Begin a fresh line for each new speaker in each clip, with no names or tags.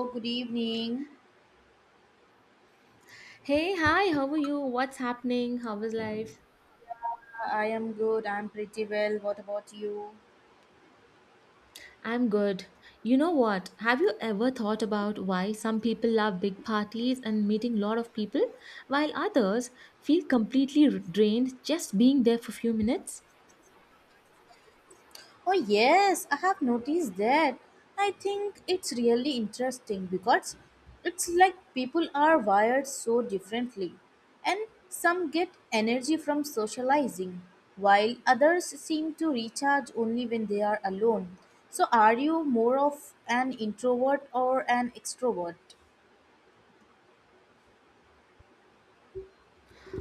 Oh, good evening.
Hey, hi, how are you? What's happening? How is life?
I am good. I'm pretty well. What about you?
I'm good. You know what? Have you ever thought about why some people love big parties and meeting a lot of people, while others feel completely drained just being there for a few minutes?
Oh, yes, I have noticed that. I think it's really interesting because it's like people are wired so differently. And some get energy from socializing, while others seem to recharge only when they are alone. So, are you more of an introvert or an extrovert?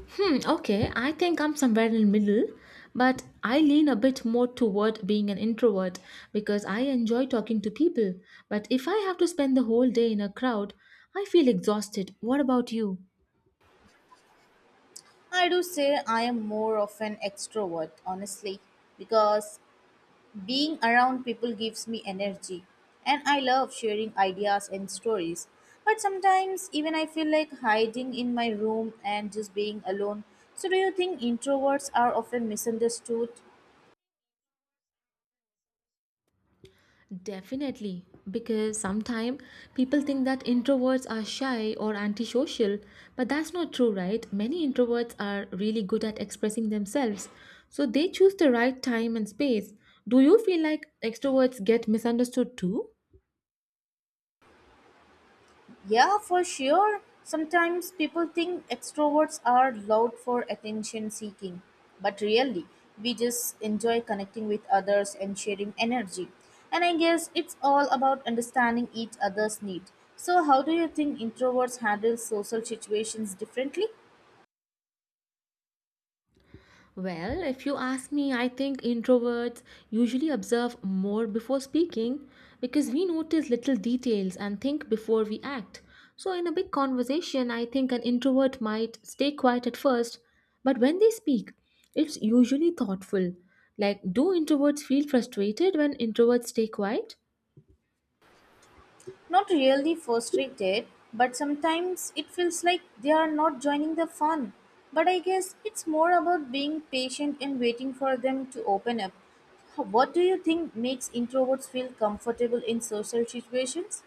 Okay, I think I'm somewhere in the middle, but I lean a bit more toward being an introvert because I enjoy talking to people. But if I have to spend the whole day in a crowd, I feel exhausted. What about you?
I do say I am more of an extrovert, honestly, because being around people gives me energy, and I love sharing ideas and stories. But sometimes, even I feel like hiding in my room and just being alone. So, do you think introverts are often misunderstood?
Definitely, because sometimes people think that introverts are shy or antisocial, but that's not true, right? Many introverts are really good at expressing themselves, so they choose the right time and space. Do you feel like extroverts get misunderstood too?
Yeah, for sure. Sometimes people think extroverts are loud for attention seeking, but really, we just enjoy connecting with others and sharing energy. And I guess it's all about understanding each other's need. So, how do you think introverts handle social situations differently?
Well, if you ask me, I think introverts usually observe more before speaking because we notice little details and think before we act. So, in a big conversation, I think an introvert might stay quiet at first, but when they speak, it's usually thoughtful. Like, do introverts feel frustrated when introverts stay quiet?
Not really frustrated, but sometimes it feels like they are not joining the fun. But I guess it's more about being patient and waiting for them to open up. What do you think makes introverts feel comfortable in social situations?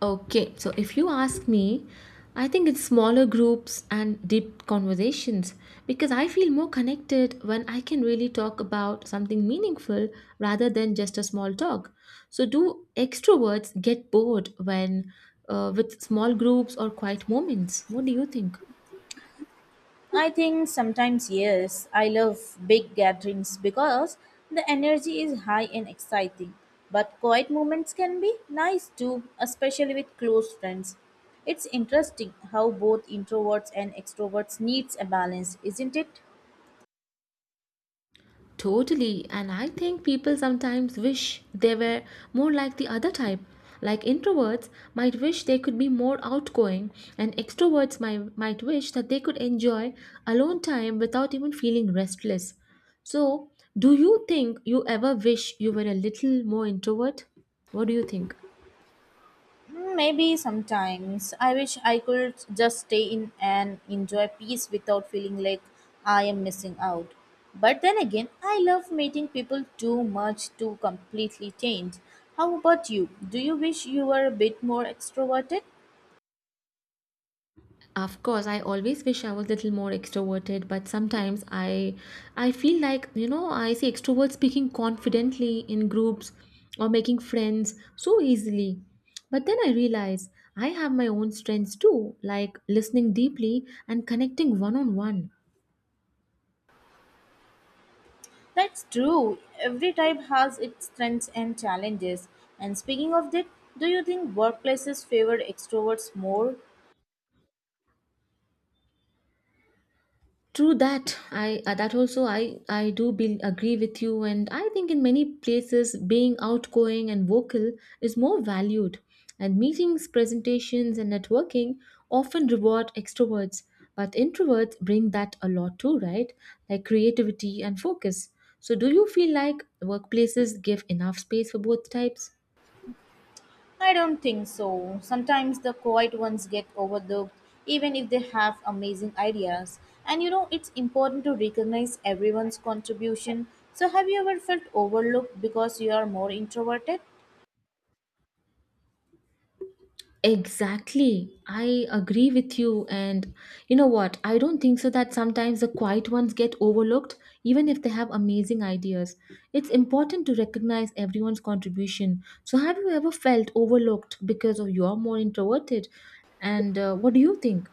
Okay, so if you ask me, I think it's smaller groups and deep conversations because I feel more connected when I can really talk about something meaningful rather than just a small talk. So, do extroverts get bored when with small groups or quiet moments? What do you think?
I think sometimes, yes, I love big gatherings because the energy is high and exciting. But quiet moments can be nice too, especially with close friends. It's interesting how both introverts and extroverts needs a balance, isn't it?
Totally, and I think people sometimes wish they were more like the other type. Like introverts might wish they could be more outgoing, and extroverts might wish that they could enjoy alone time without even feeling restless. So, do you think you ever wish you were a little more introvert? What do you think?
Hmm, maybe sometimes. I wish I could just stay in and enjoy peace without feeling like I am missing out. But then again, I love meeting people too much to completely change. How about you? Do you wish you were a bit more extroverted?
Of course, I always wish I was little more extroverted, but sometimes I feel like I see extroverts speaking confidently in groups or making friends so easily. But then I realize I have my own strengths too, like listening deeply and connecting one on one.
That's true. Every type has its strengths and challenges. And speaking of that, do you think workplaces favor extroverts more?
True that. I that also I agree with you, and I think in many places being outgoing and vocal is more valued. And meetings, presentations, and networking often reward extroverts, but introverts bring that a lot too, right? Like creativity and focus. So, do you feel like workplaces give enough space for both types?
I don't think so. Sometimes the quiet ones get overlooked, even if they have amazing ideas. And you know, it's important to recognize everyone's contribution. So, have you ever felt overlooked because you are more introverted?
Exactly. I agree with you. And you know what? I don't think so that sometimes the quiet ones get overlooked, even if they have amazing ideas. It's important to recognize everyone's contribution. So, have you ever felt overlooked because of you're more introverted? And what do you think?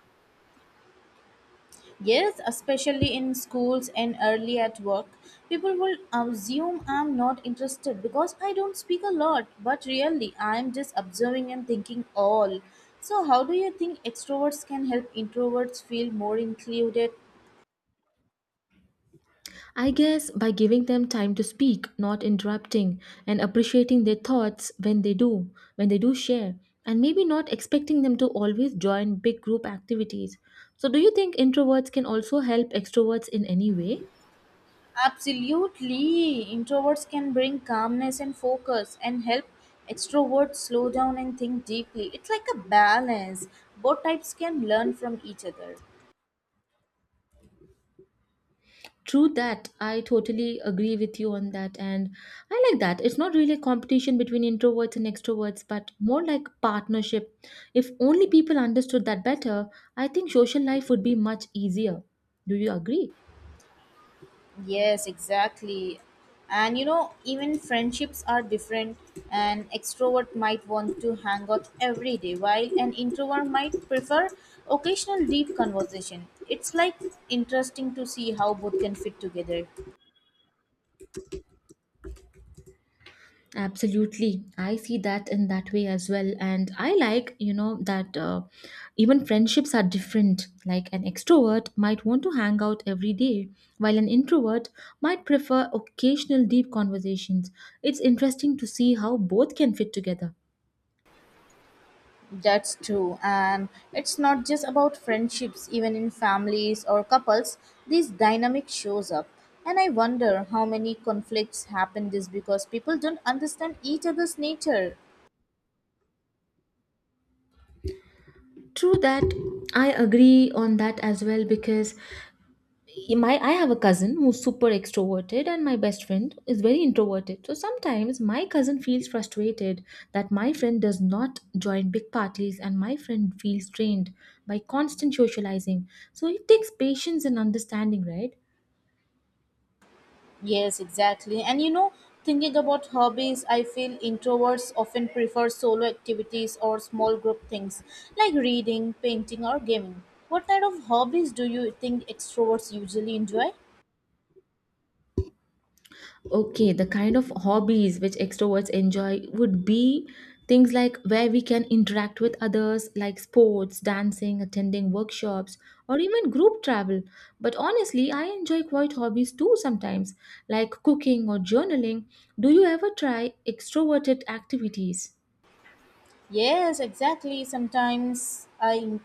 Yes, especially in schools and early at work. People will assume I'm not interested because I don't speak a lot, but really, I'm just observing and thinking all. So, how do you think extroverts can help introverts feel more included?
I guess by giving them time to speak, not interrupting, and appreciating their thoughts when they do share, and maybe not expecting them to always join big group activities. So, do you think introverts can also help extroverts in any way?
Absolutely. Introverts can bring calmness and focus and help extroverts slow down and think deeply. It's like a balance. Both types can learn from each other.
True that. I totally agree with you on that. And I like that. It's not really a competition between introverts and extroverts, but more like partnership. If only people understood that better, I think social life would be much easier. Do you agree?
Yes, exactly. And you know, even friendships are different. An extrovert might want to hang out every day, while an introvert might prefer occasional deep conversation. It's like interesting to see how both can fit together.
Absolutely. I see that in that way as well. And I like, you know, that even friendships are different. Like an extrovert might want to hang out every day, while an introvert might prefer occasional deep conversations. It's interesting to see how both can fit together.
That's true. And it's not just about friendships, even in families or couples, this dynamic shows up. And I wonder how many conflicts happen this because people don't understand each other's nature.
True that. I agree on that as well because my I have a cousin who's super extroverted and my best friend is very introverted. So sometimes my cousin feels frustrated that my friend does not join big parties and my friend feels drained by constant socializing. So it takes patience and understanding, right?
Yes, exactly. And you know, thinking about hobbies, I feel introverts often prefer solo activities or small group things like reading, painting, or gaming. What kind of hobbies do you think extroverts usually enjoy?
Okay, the kind of hobbies which extroverts enjoy would be things like where we can interact with others, like sports, dancing, attending workshops, or even group travel. But honestly, I enjoy quiet hobbies too sometimes, like cooking or journaling. Do you ever try extroverted activities?
Yes, exactly. Sometimes I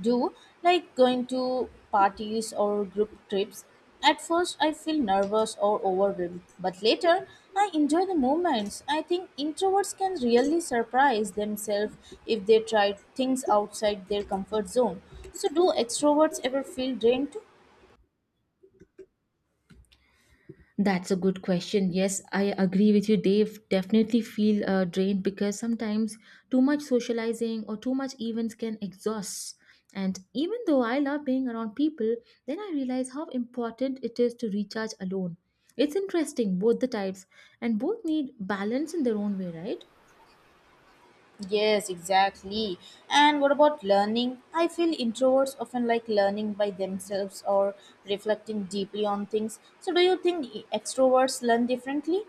do like going to parties or group trips. At first, I feel nervous or overwhelmed, but later, I enjoy the moments. I think introverts can really surprise themselves if they try things outside their comfort zone. So, do extroverts ever feel drained?
That's a good question. Yes, I agree with you, Dave. Definitely feel drained because sometimes too much socializing or too much events can exhaust. And even though I love being around people, then I realize how important it is to recharge alone. It's interesting, both the types, and both need balance in their own way, right?
Yes, exactly. And what about learning? I feel introverts often like learning by themselves or reflecting deeply on things. So, do you think extroverts learn differently?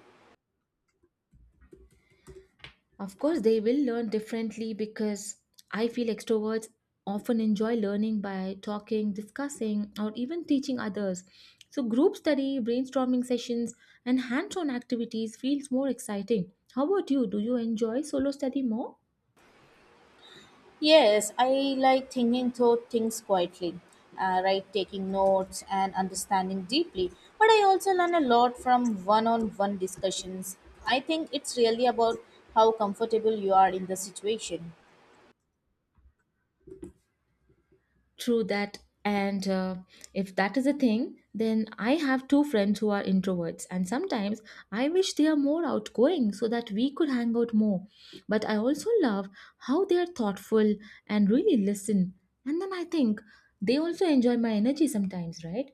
Of course, they will learn differently because I feel extroverts often enjoy learning by talking, discussing, or even teaching others. So, group study, brainstorming sessions, and hands on activities feels more exciting. How about you? Do you enjoy solo study more?
Yes, I like thinking through things quietly, right? Taking notes and understanding deeply. But I also learn a lot from one on one discussions. I think it's really about how comfortable you are in the situation.
True that. And if that is a thing, then I have two friends who are introverts, and sometimes I wish they are more outgoing so that we could hang out more. But I also love how they are thoughtful and really listen. And then I think they also enjoy my energy sometimes, right?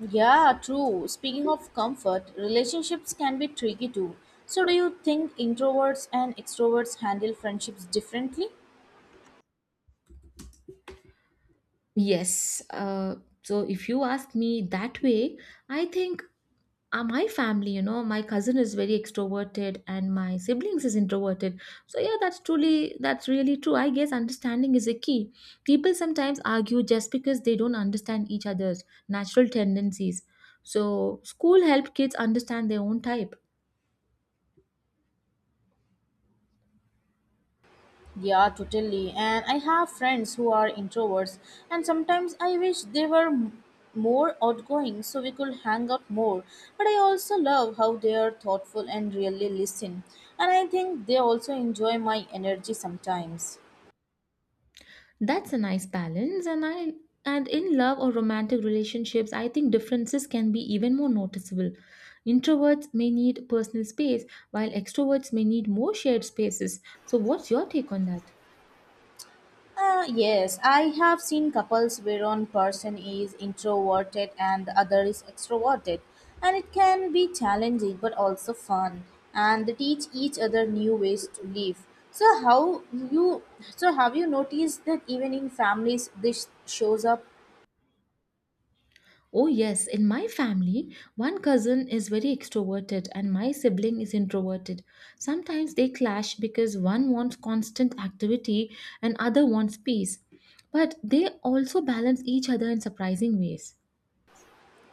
Yeah, true. Speaking of comfort, relationships can be tricky too. So, do you think introverts and extroverts handle friendships differently?
Yes. So if you ask me that way, I think my family, you know, my cousin is very extroverted and my siblings is introverted. So yeah, that's truly that's really true. I guess understanding is a key. People sometimes argue just because they don't understand each other's natural tendencies, so school helped kids understand their own type.
Yeah, totally. And I have friends who are introverts, and sometimes I wish they were more outgoing so we could hang out more. But I also love how they are thoughtful and really listen. And I think they also enjoy my energy sometimes.
That's a nice balance. And I and in love or romantic relationships, I think differences can be even more noticeable. Introverts may need personal space while extroverts may need more shared spaces. So what's your take on that?
Yes, I have seen couples where one person is introverted and the other is extroverted, and it can be challenging but also fun, and they teach each other new ways to live. So how you so have you noticed that even in families this shows up?
Oh, yes. In my family, one cousin is very extroverted and my sibling is introverted. Sometimes they clash because one wants constant activity and other wants peace. But they also balance each other in surprising ways.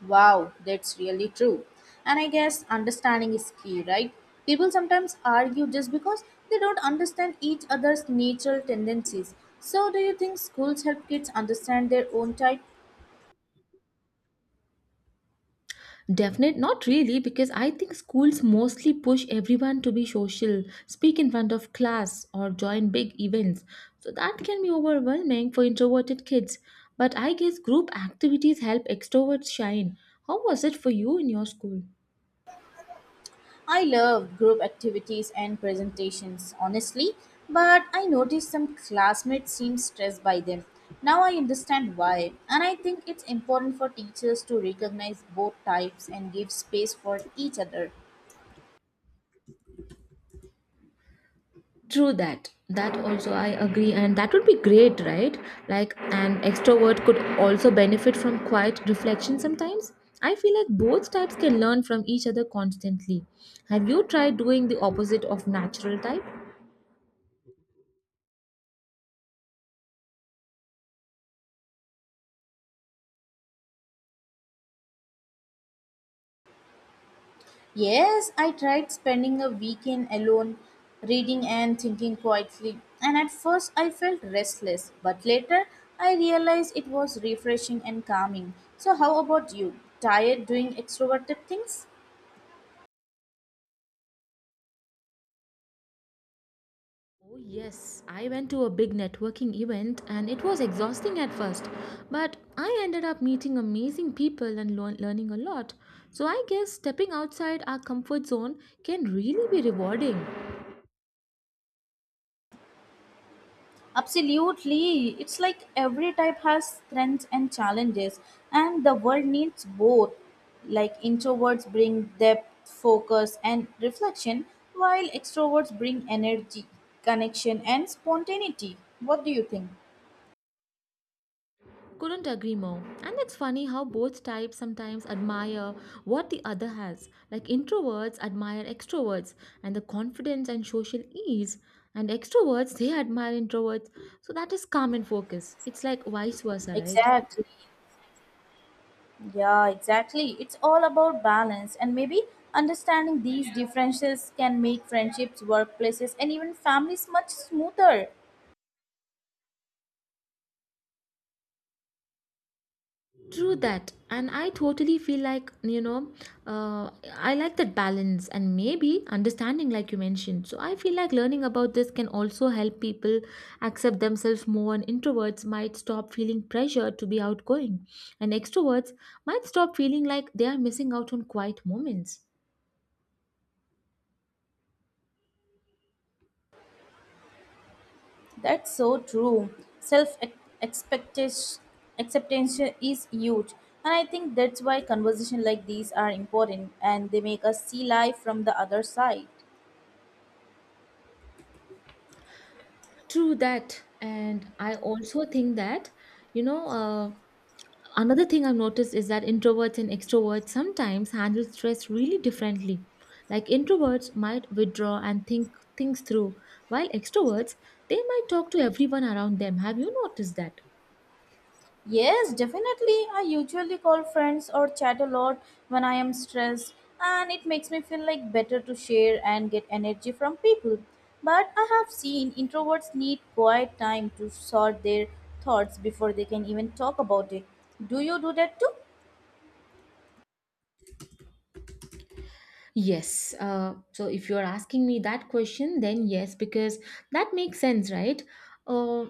Wow, that's really true. And I guess understanding is key, right? People sometimes argue just because they don't understand each other's natural tendencies. So, do you think schools help kids understand their own type?
Definite, not really, because I think schools mostly push everyone to be social, speak in front of class, or join big events. So that can be overwhelming for introverted kids. But I guess group activities help extroverts shine. How was it for you in your school?
I love group activities and presentations, honestly, but I noticed some classmates seem stressed by them. Now I understand why, and I think it's important for teachers to recognize both types and give space for each other.
True that. That also I agree, and that would be great, right? Like an extrovert could also benefit from quiet reflection sometimes. I feel like both types can learn from each other constantly. Have you tried doing the opposite of natural type?
Yes, I tried spending a weekend alone, reading and thinking quietly, and at first I felt restless, but later I realized it was refreshing and calming. So, how about you? Tired doing extroverted things?
Oh, yes. I went to a big networking event and it was exhausting at first, but I ended up meeting amazing people and learning a lot. So I guess stepping outside our comfort zone can really be rewarding.
Absolutely. It's like every type has strengths and challenges, and the world needs both. Like introverts bring depth, focus, and reflection, while extroverts bring energy, connection, and spontaneity. What do you think?
Couldn't agree more. And it's funny how both types sometimes admire what the other has. Like introverts admire extroverts and the confidence and social ease, and extroverts they admire introverts. So that is calm and focus. It's like vice versa, right?
Exactly. Yeah, exactly. It's all about balance, and maybe understanding these differences can make friendships, workplaces, and even families much smoother.
True that, and I totally feel like, you know, uh, I like that balance and maybe understanding, like you mentioned. So I feel like learning about this can also help people accept themselves more, and introverts might stop feeling pressure to be outgoing, and extroverts might stop feeling like they are missing out on quiet moments.
That's so true. Self expectation acceptance is huge. And I think that's why conversations like these are important and they make us see life from the other side.
True that, and I also think that, you know. Another thing I've noticed is that introverts and extroverts sometimes handle stress really differently. Like introverts might withdraw and think things through, while extroverts they might talk to everyone around them. Have you noticed that?
Yes, definitely. I usually call friends or chat a lot when I am stressed, and it makes me feel like better to share and get energy from people. But I have seen introverts need quiet time to sort their thoughts before they can even talk about it. Do you do that too?
Yes. So if you're asking me that question, then yes, because that makes sense, right? Uh,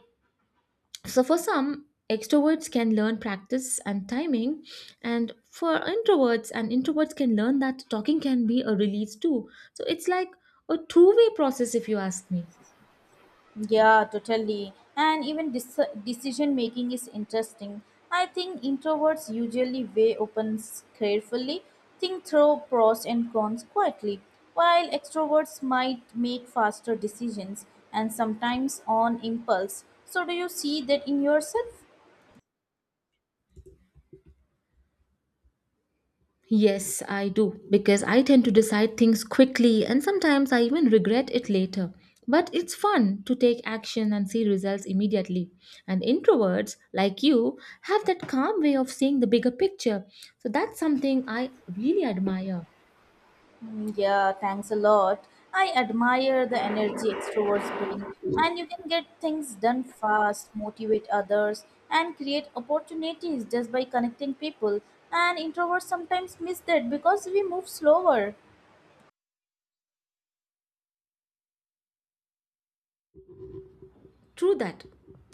So, for some, extroverts can learn practice and timing, and for introverts and introverts can learn that talking can be a release too. So, it's like a two-way process, if you ask me.
Yeah, totally. And even decision making is interesting. I think introverts usually weigh options carefully, think through pros and cons quietly, while extroverts might make faster decisions and sometimes on impulse. So, do you see that in yourself?
Yes, I do, because I tend to decide things quickly and sometimes I even regret it later. But it's fun to take action and see results immediately. And introverts, like you, have that calm way of seeing the bigger picture. So that's something I really admire.
Yeah, thanks a lot. I admire the energy extroverts bring, and you can get things done fast, motivate others, and create opportunities just by connecting people. And introverts sometimes miss that because we move slower.
True that.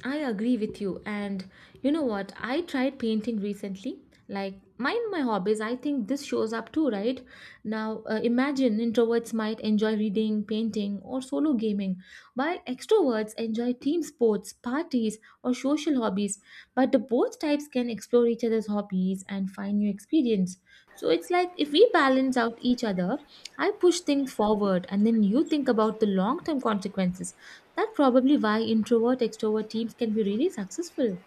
I agree with you. And you know what? I tried painting recently. Like, mind my hobbies. I think this shows up too, right? Now, imagine introverts might enjoy reading, painting, or solo gaming, while extroverts enjoy team sports, parties, or social hobbies. But the both types can explore each other's hobbies and find new experience. So it's like if we balance out each other, I push things forward, and then you think about the long term consequences. That's probably why introvert extrovert teams can be really successful.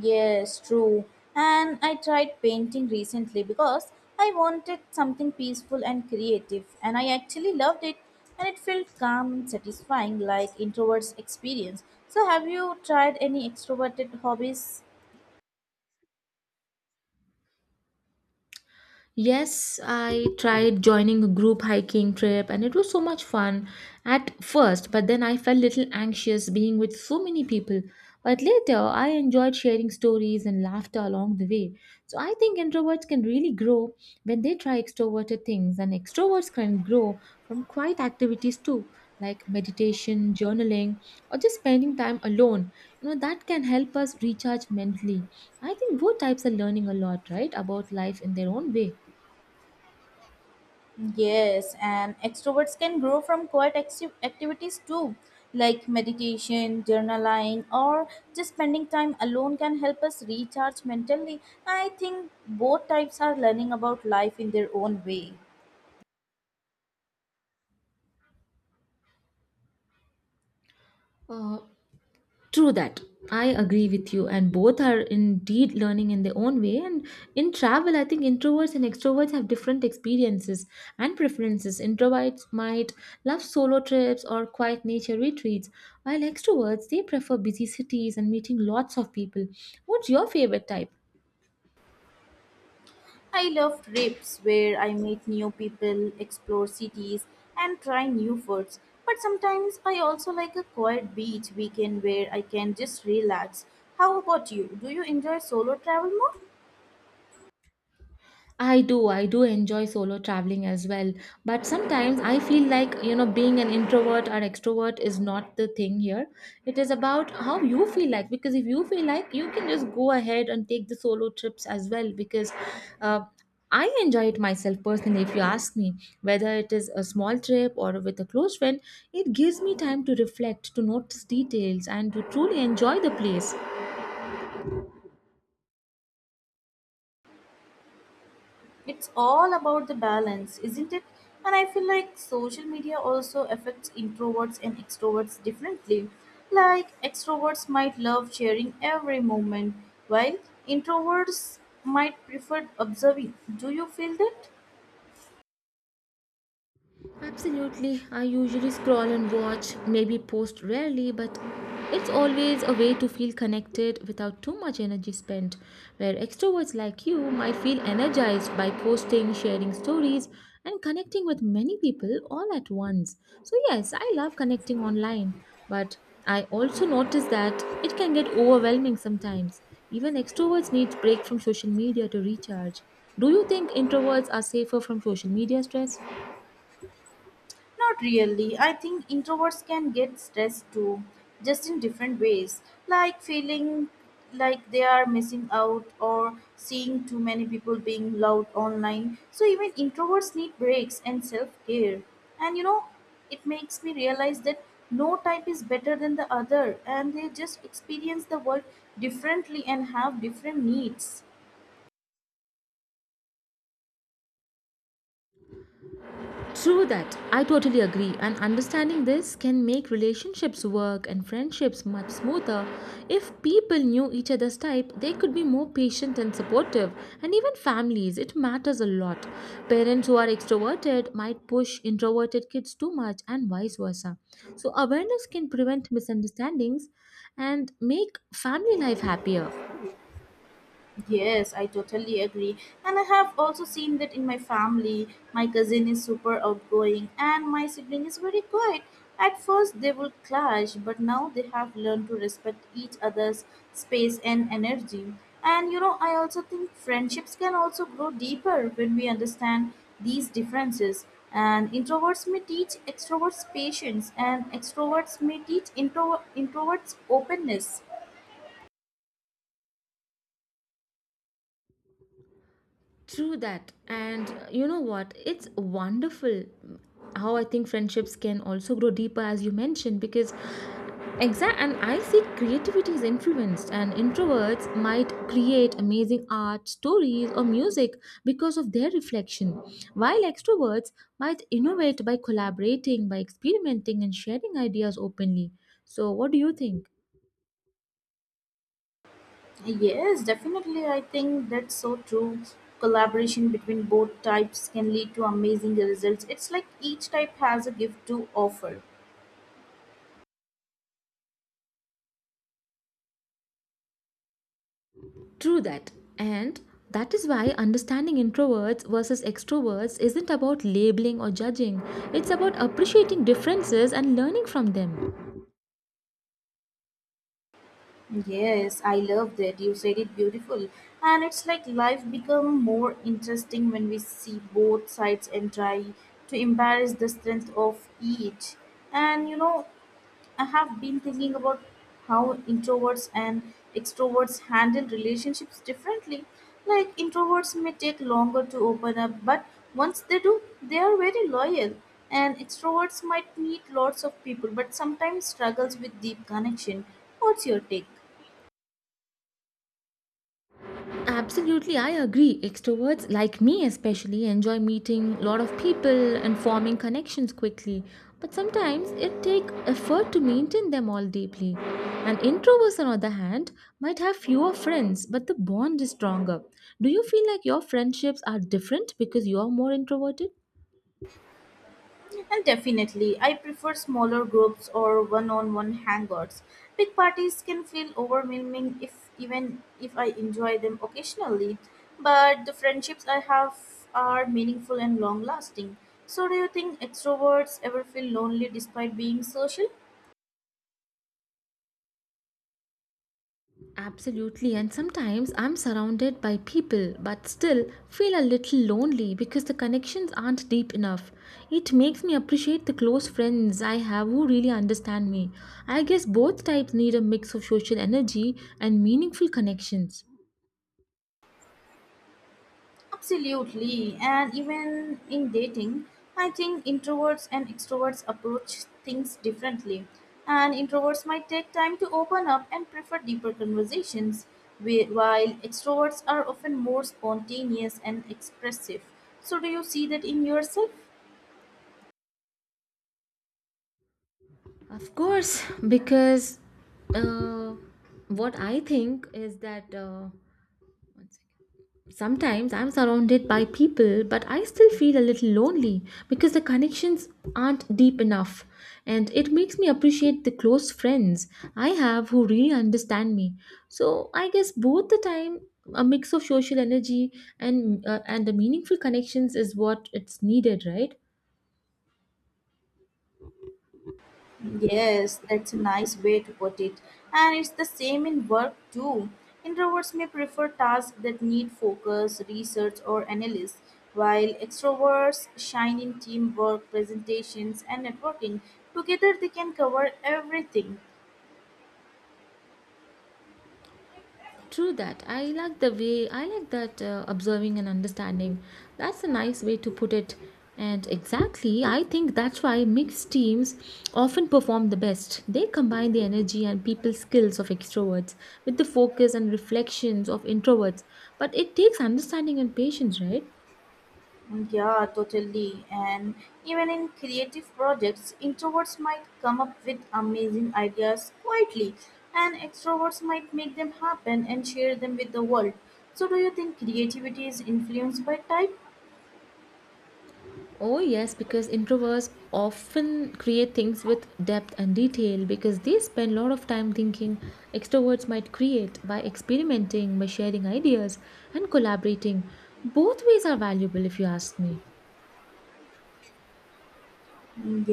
Yes, true. And I tried painting recently because I wanted something peaceful and creative, and I actually loved it, and it felt calm and satisfying like introverts experience. So, have you tried any extroverted hobbies?
Yes, I tried joining a group hiking trip and it was so much fun at first, but then I felt little anxious being with so many people. But later, I enjoyed sharing stories and laughter along the way. So I think introverts can really grow when they try extroverted things, and extroverts can grow from quiet activities too, like meditation, journaling, or just spending time alone. You know, that can help us recharge mentally. I think both types are learning a lot, right, about life in their own way.
Yes, and extroverts can grow from quiet activities too, like meditation, journaling, or just spending time alone can help us recharge mentally. I think both types are learning about life in their own way.
Uh, true that. I agree with you, and both are indeed learning in their own way. And in travel, I think introverts and extroverts have different experiences and preferences. Introverts might love solo trips or quiet nature retreats, while extroverts they prefer busy cities and meeting lots of people. What's your favorite type?
I love trips where I meet new people, explore cities, and try new foods. But sometimes I also like a quiet beach weekend where I can just relax. How about you? Do you enjoy solo travel more?
I do enjoy solo traveling as well. But sometimes I feel like, you know, being an introvert or extrovert is not the thing here. It is about how you feel like, because if you feel like, you can just go ahead and take the solo trips as well, because uh, I enjoy it myself personally. If you ask me, whether it is a small trip or with a close friend, it gives me time to reflect, to notice details, and to truly enjoy the place.
It's all about the balance, isn't it? And I feel like social media also affects introverts and extroverts differently. Like, extroverts might love sharing every moment, while introverts might prefer observing. Do you feel that?
Absolutely. I usually scroll and watch, maybe post rarely, but it's always a way to feel connected without too much energy spent. Where extroverts like you might feel energized by posting, sharing stories, and connecting with many people all at once. So, yes, I love connecting online, but I also notice that it can get overwhelming sometimes. Even extroverts need break from social media to recharge. Do you think introverts are safer from social media stress?
Not really. I think introverts can get stressed too, just in different ways, like feeling like they are missing out or seeing too many people being loud online. So even introverts need breaks and self-care. And you know, it makes me realize that no type is better than the other and they just experience the world differently and have different needs.
True that. I totally agree. And understanding this can make relationships work and friendships much smoother. If people knew each other's type, they could be more patient and supportive. And even families, it matters a lot. Parents who are extroverted might push introverted kids too much and vice versa. So awareness can prevent misunderstandings and make family life happier.
Yes, I totally agree. And I have also seen that in my family. My cousin is super outgoing and my sibling is very quiet. At first, they would clash, but now they have learned to respect each other's space and energy. And you know, I also think friendships can also grow deeper when we understand these differences. And introverts may teach extroverts patience, and extroverts may teach introverts openness.
True that. And you know what? It's wonderful how I think friendships can also grow deeper, as you mentioned, because exact and I see creativity is influenced, and introverts might create amazing art, stories, or music because of their reflection, while extroverts might innovate by collaborating, by experimenting, and sharing ideas openly. So, what do you think?
Yes, definitely. I think that's so true. Collaboration between both types can lead to amazing results. It's like each type has a gift to offer.
True that. And that is why understanding introverts versus extroverts isn't about labeling or judging, it's about appreciating differences and learning from them.
Yes, I love that. You said it beautiful. And it's like life become more interesting when we see both sides and try to embrace the strength of each. And you know, I have been thinking about how introverts and extroverts handle relationships differently. Like introverts may take longer to open up, but once they do, they are very loyal. And extroverts might meet lots of people, but sometimes struggles with deep connection. What's your take?
Absolutely, I agree. Extroverts, like me especially, enjoy meeting a lot of people and forming connections quickly. But sometimes it takes effort to maintain them all deeply. And introverts, on the other hand, might have fewer friends, but the bond is stronger. Do you feel like your friendships are different because you're more introverted?
And definitely, I prefer smaller groups or one-on-one hangouts. Big parties can feel overwhelming if even if I enjoy them occasionally, but the friendships I have are meaningful and long-lasting. So do you think extroverts ever feel lonely despite being social?
Absolutely, and sometimes I'm surrounded by people but still feel a little lonely because the connections aren't deep enough. It makes me appreciate the close friends I have who really understand me. I guess both types need a mix of social energy and meaningful connections.
Absolutely. And even in dating, I think introverts and extroverts approach things differently. And introverts might take time to open up and prefer deeper conversations, while extroverts are often more spontaneous and expressive. So, do you see that in yourself?
Of course, because uh, what I think is that. One second. Sometimes I'm surrounded by people, but I still feel a little lonely because the connections aren't deep enough. And it makes me appreciate the close friends I have who really understand me. So I guess both the time, a mix of social energy and the meaningful connections is what it's needed, right?
Yes, that's a nice way to put it. And it's the same in work too. Introverts may prefer tasks that need focus, research, or analysis, while extroverts shine in teamwork, presentations, and networking. Together, they can cover everything.
True that. I like that observing and understanding. That's a nice way to put it. And exactly, I think that's why mixed teams often perform the best. They combine the energy and people skills of extroverts with the focus and reflections of introverts. But it takes understanding and patience, right?
Yeah, totally. And even in creative projects, introverts might come up with amazing ideas quietly, and extroverts might make them happen and share them with the world. So, do you think creativity is influenced by type?
Oh, yes, because introverts often create things with depth and detail because they spend a lot of time thinking. Extroverts might create by experimenting, by sharing ideas, and collaborating. Both ways are valuable, if you ask me.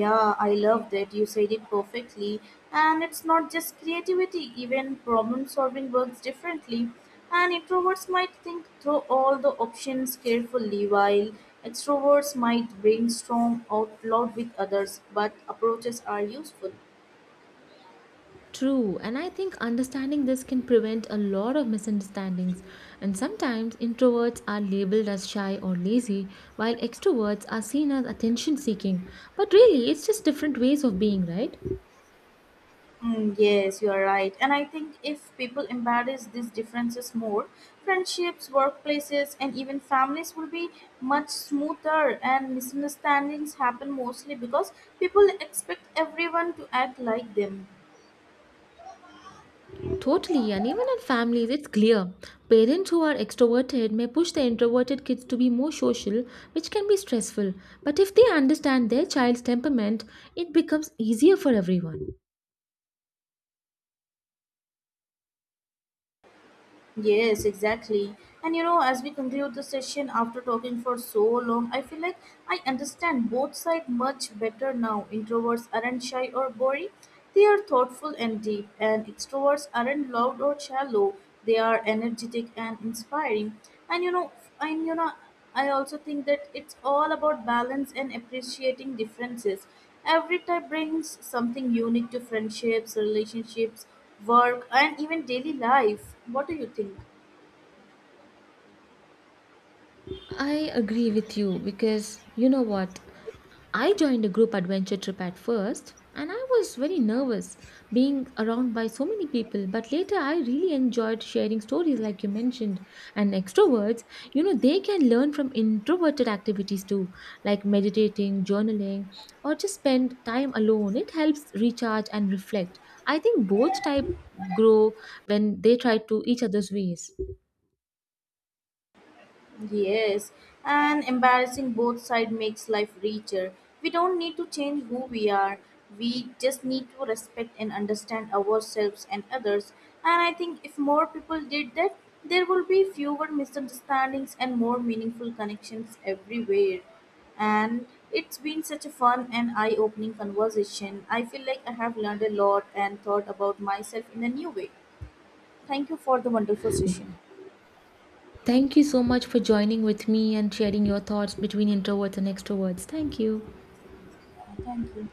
Yeah, I love that. You said it perfectly. And it's not just creativity, even problem solving works differently. And introverts might think through all the options carefully, while extroverts might brainstorm out loud with others, but approaches are useful.
True, and I think understanding this can prevent a lot of misunderstandings. And sometimes introverts are labeled as shy or lazy, while extroverts are seen as attention seeking. But really, it's just different ways of being, right?
Yes, you are right. And I think if people embrace these differences more, friendships, workplaces, and even families will be much smoother, and misunderstandings happen mostly because people expect everyone to act like them.
Totally, and even in families, it's clear. Parents who are extroverted may push their introverted kids to be more social, which can be stressful. But if they understand their child's temperament, it becomes easier for everyone.
Yes, exactly. And you know, as we conclude the session after talking for so long, I feel like I understand both sides much better now. Introverts aren't shy or boring, they are thoughtful and deep, and extroverts aren't loud or shallow, they are energetic and inspiring. And you know, and you know, I also think that it's all about balance and appreciating differences. Every type brings something unique to friendships, relationships, work and even daily life. What do you think?
I agree with you because you know what? I joined a group adventure trip at first and I was very nervous being around by so many people, but later I really enjoyed sharing stories like you mentioned. And extroverts, you know, they can learn from introverted activities too, like meditating, journaling, or just spend time alone. It helps recharge and reflect. I think both type grow when they try to each other's ways.
Yes, and embarrassing both side makes life richer. We don't need to change who we are we just need to respect and understand ourselves and others, and I think if more people did that there will be fewer misunderstandings and more meaningful connections everywhere. And it's been such a fun and eye-opening conversation. I feel like I have learned a lot and thought about myself in a new way. Thank you for the wonderful session.
Thank you so much for joining with me and sharing your thoughts between introverts and extroverts. Thank you.
Thank you.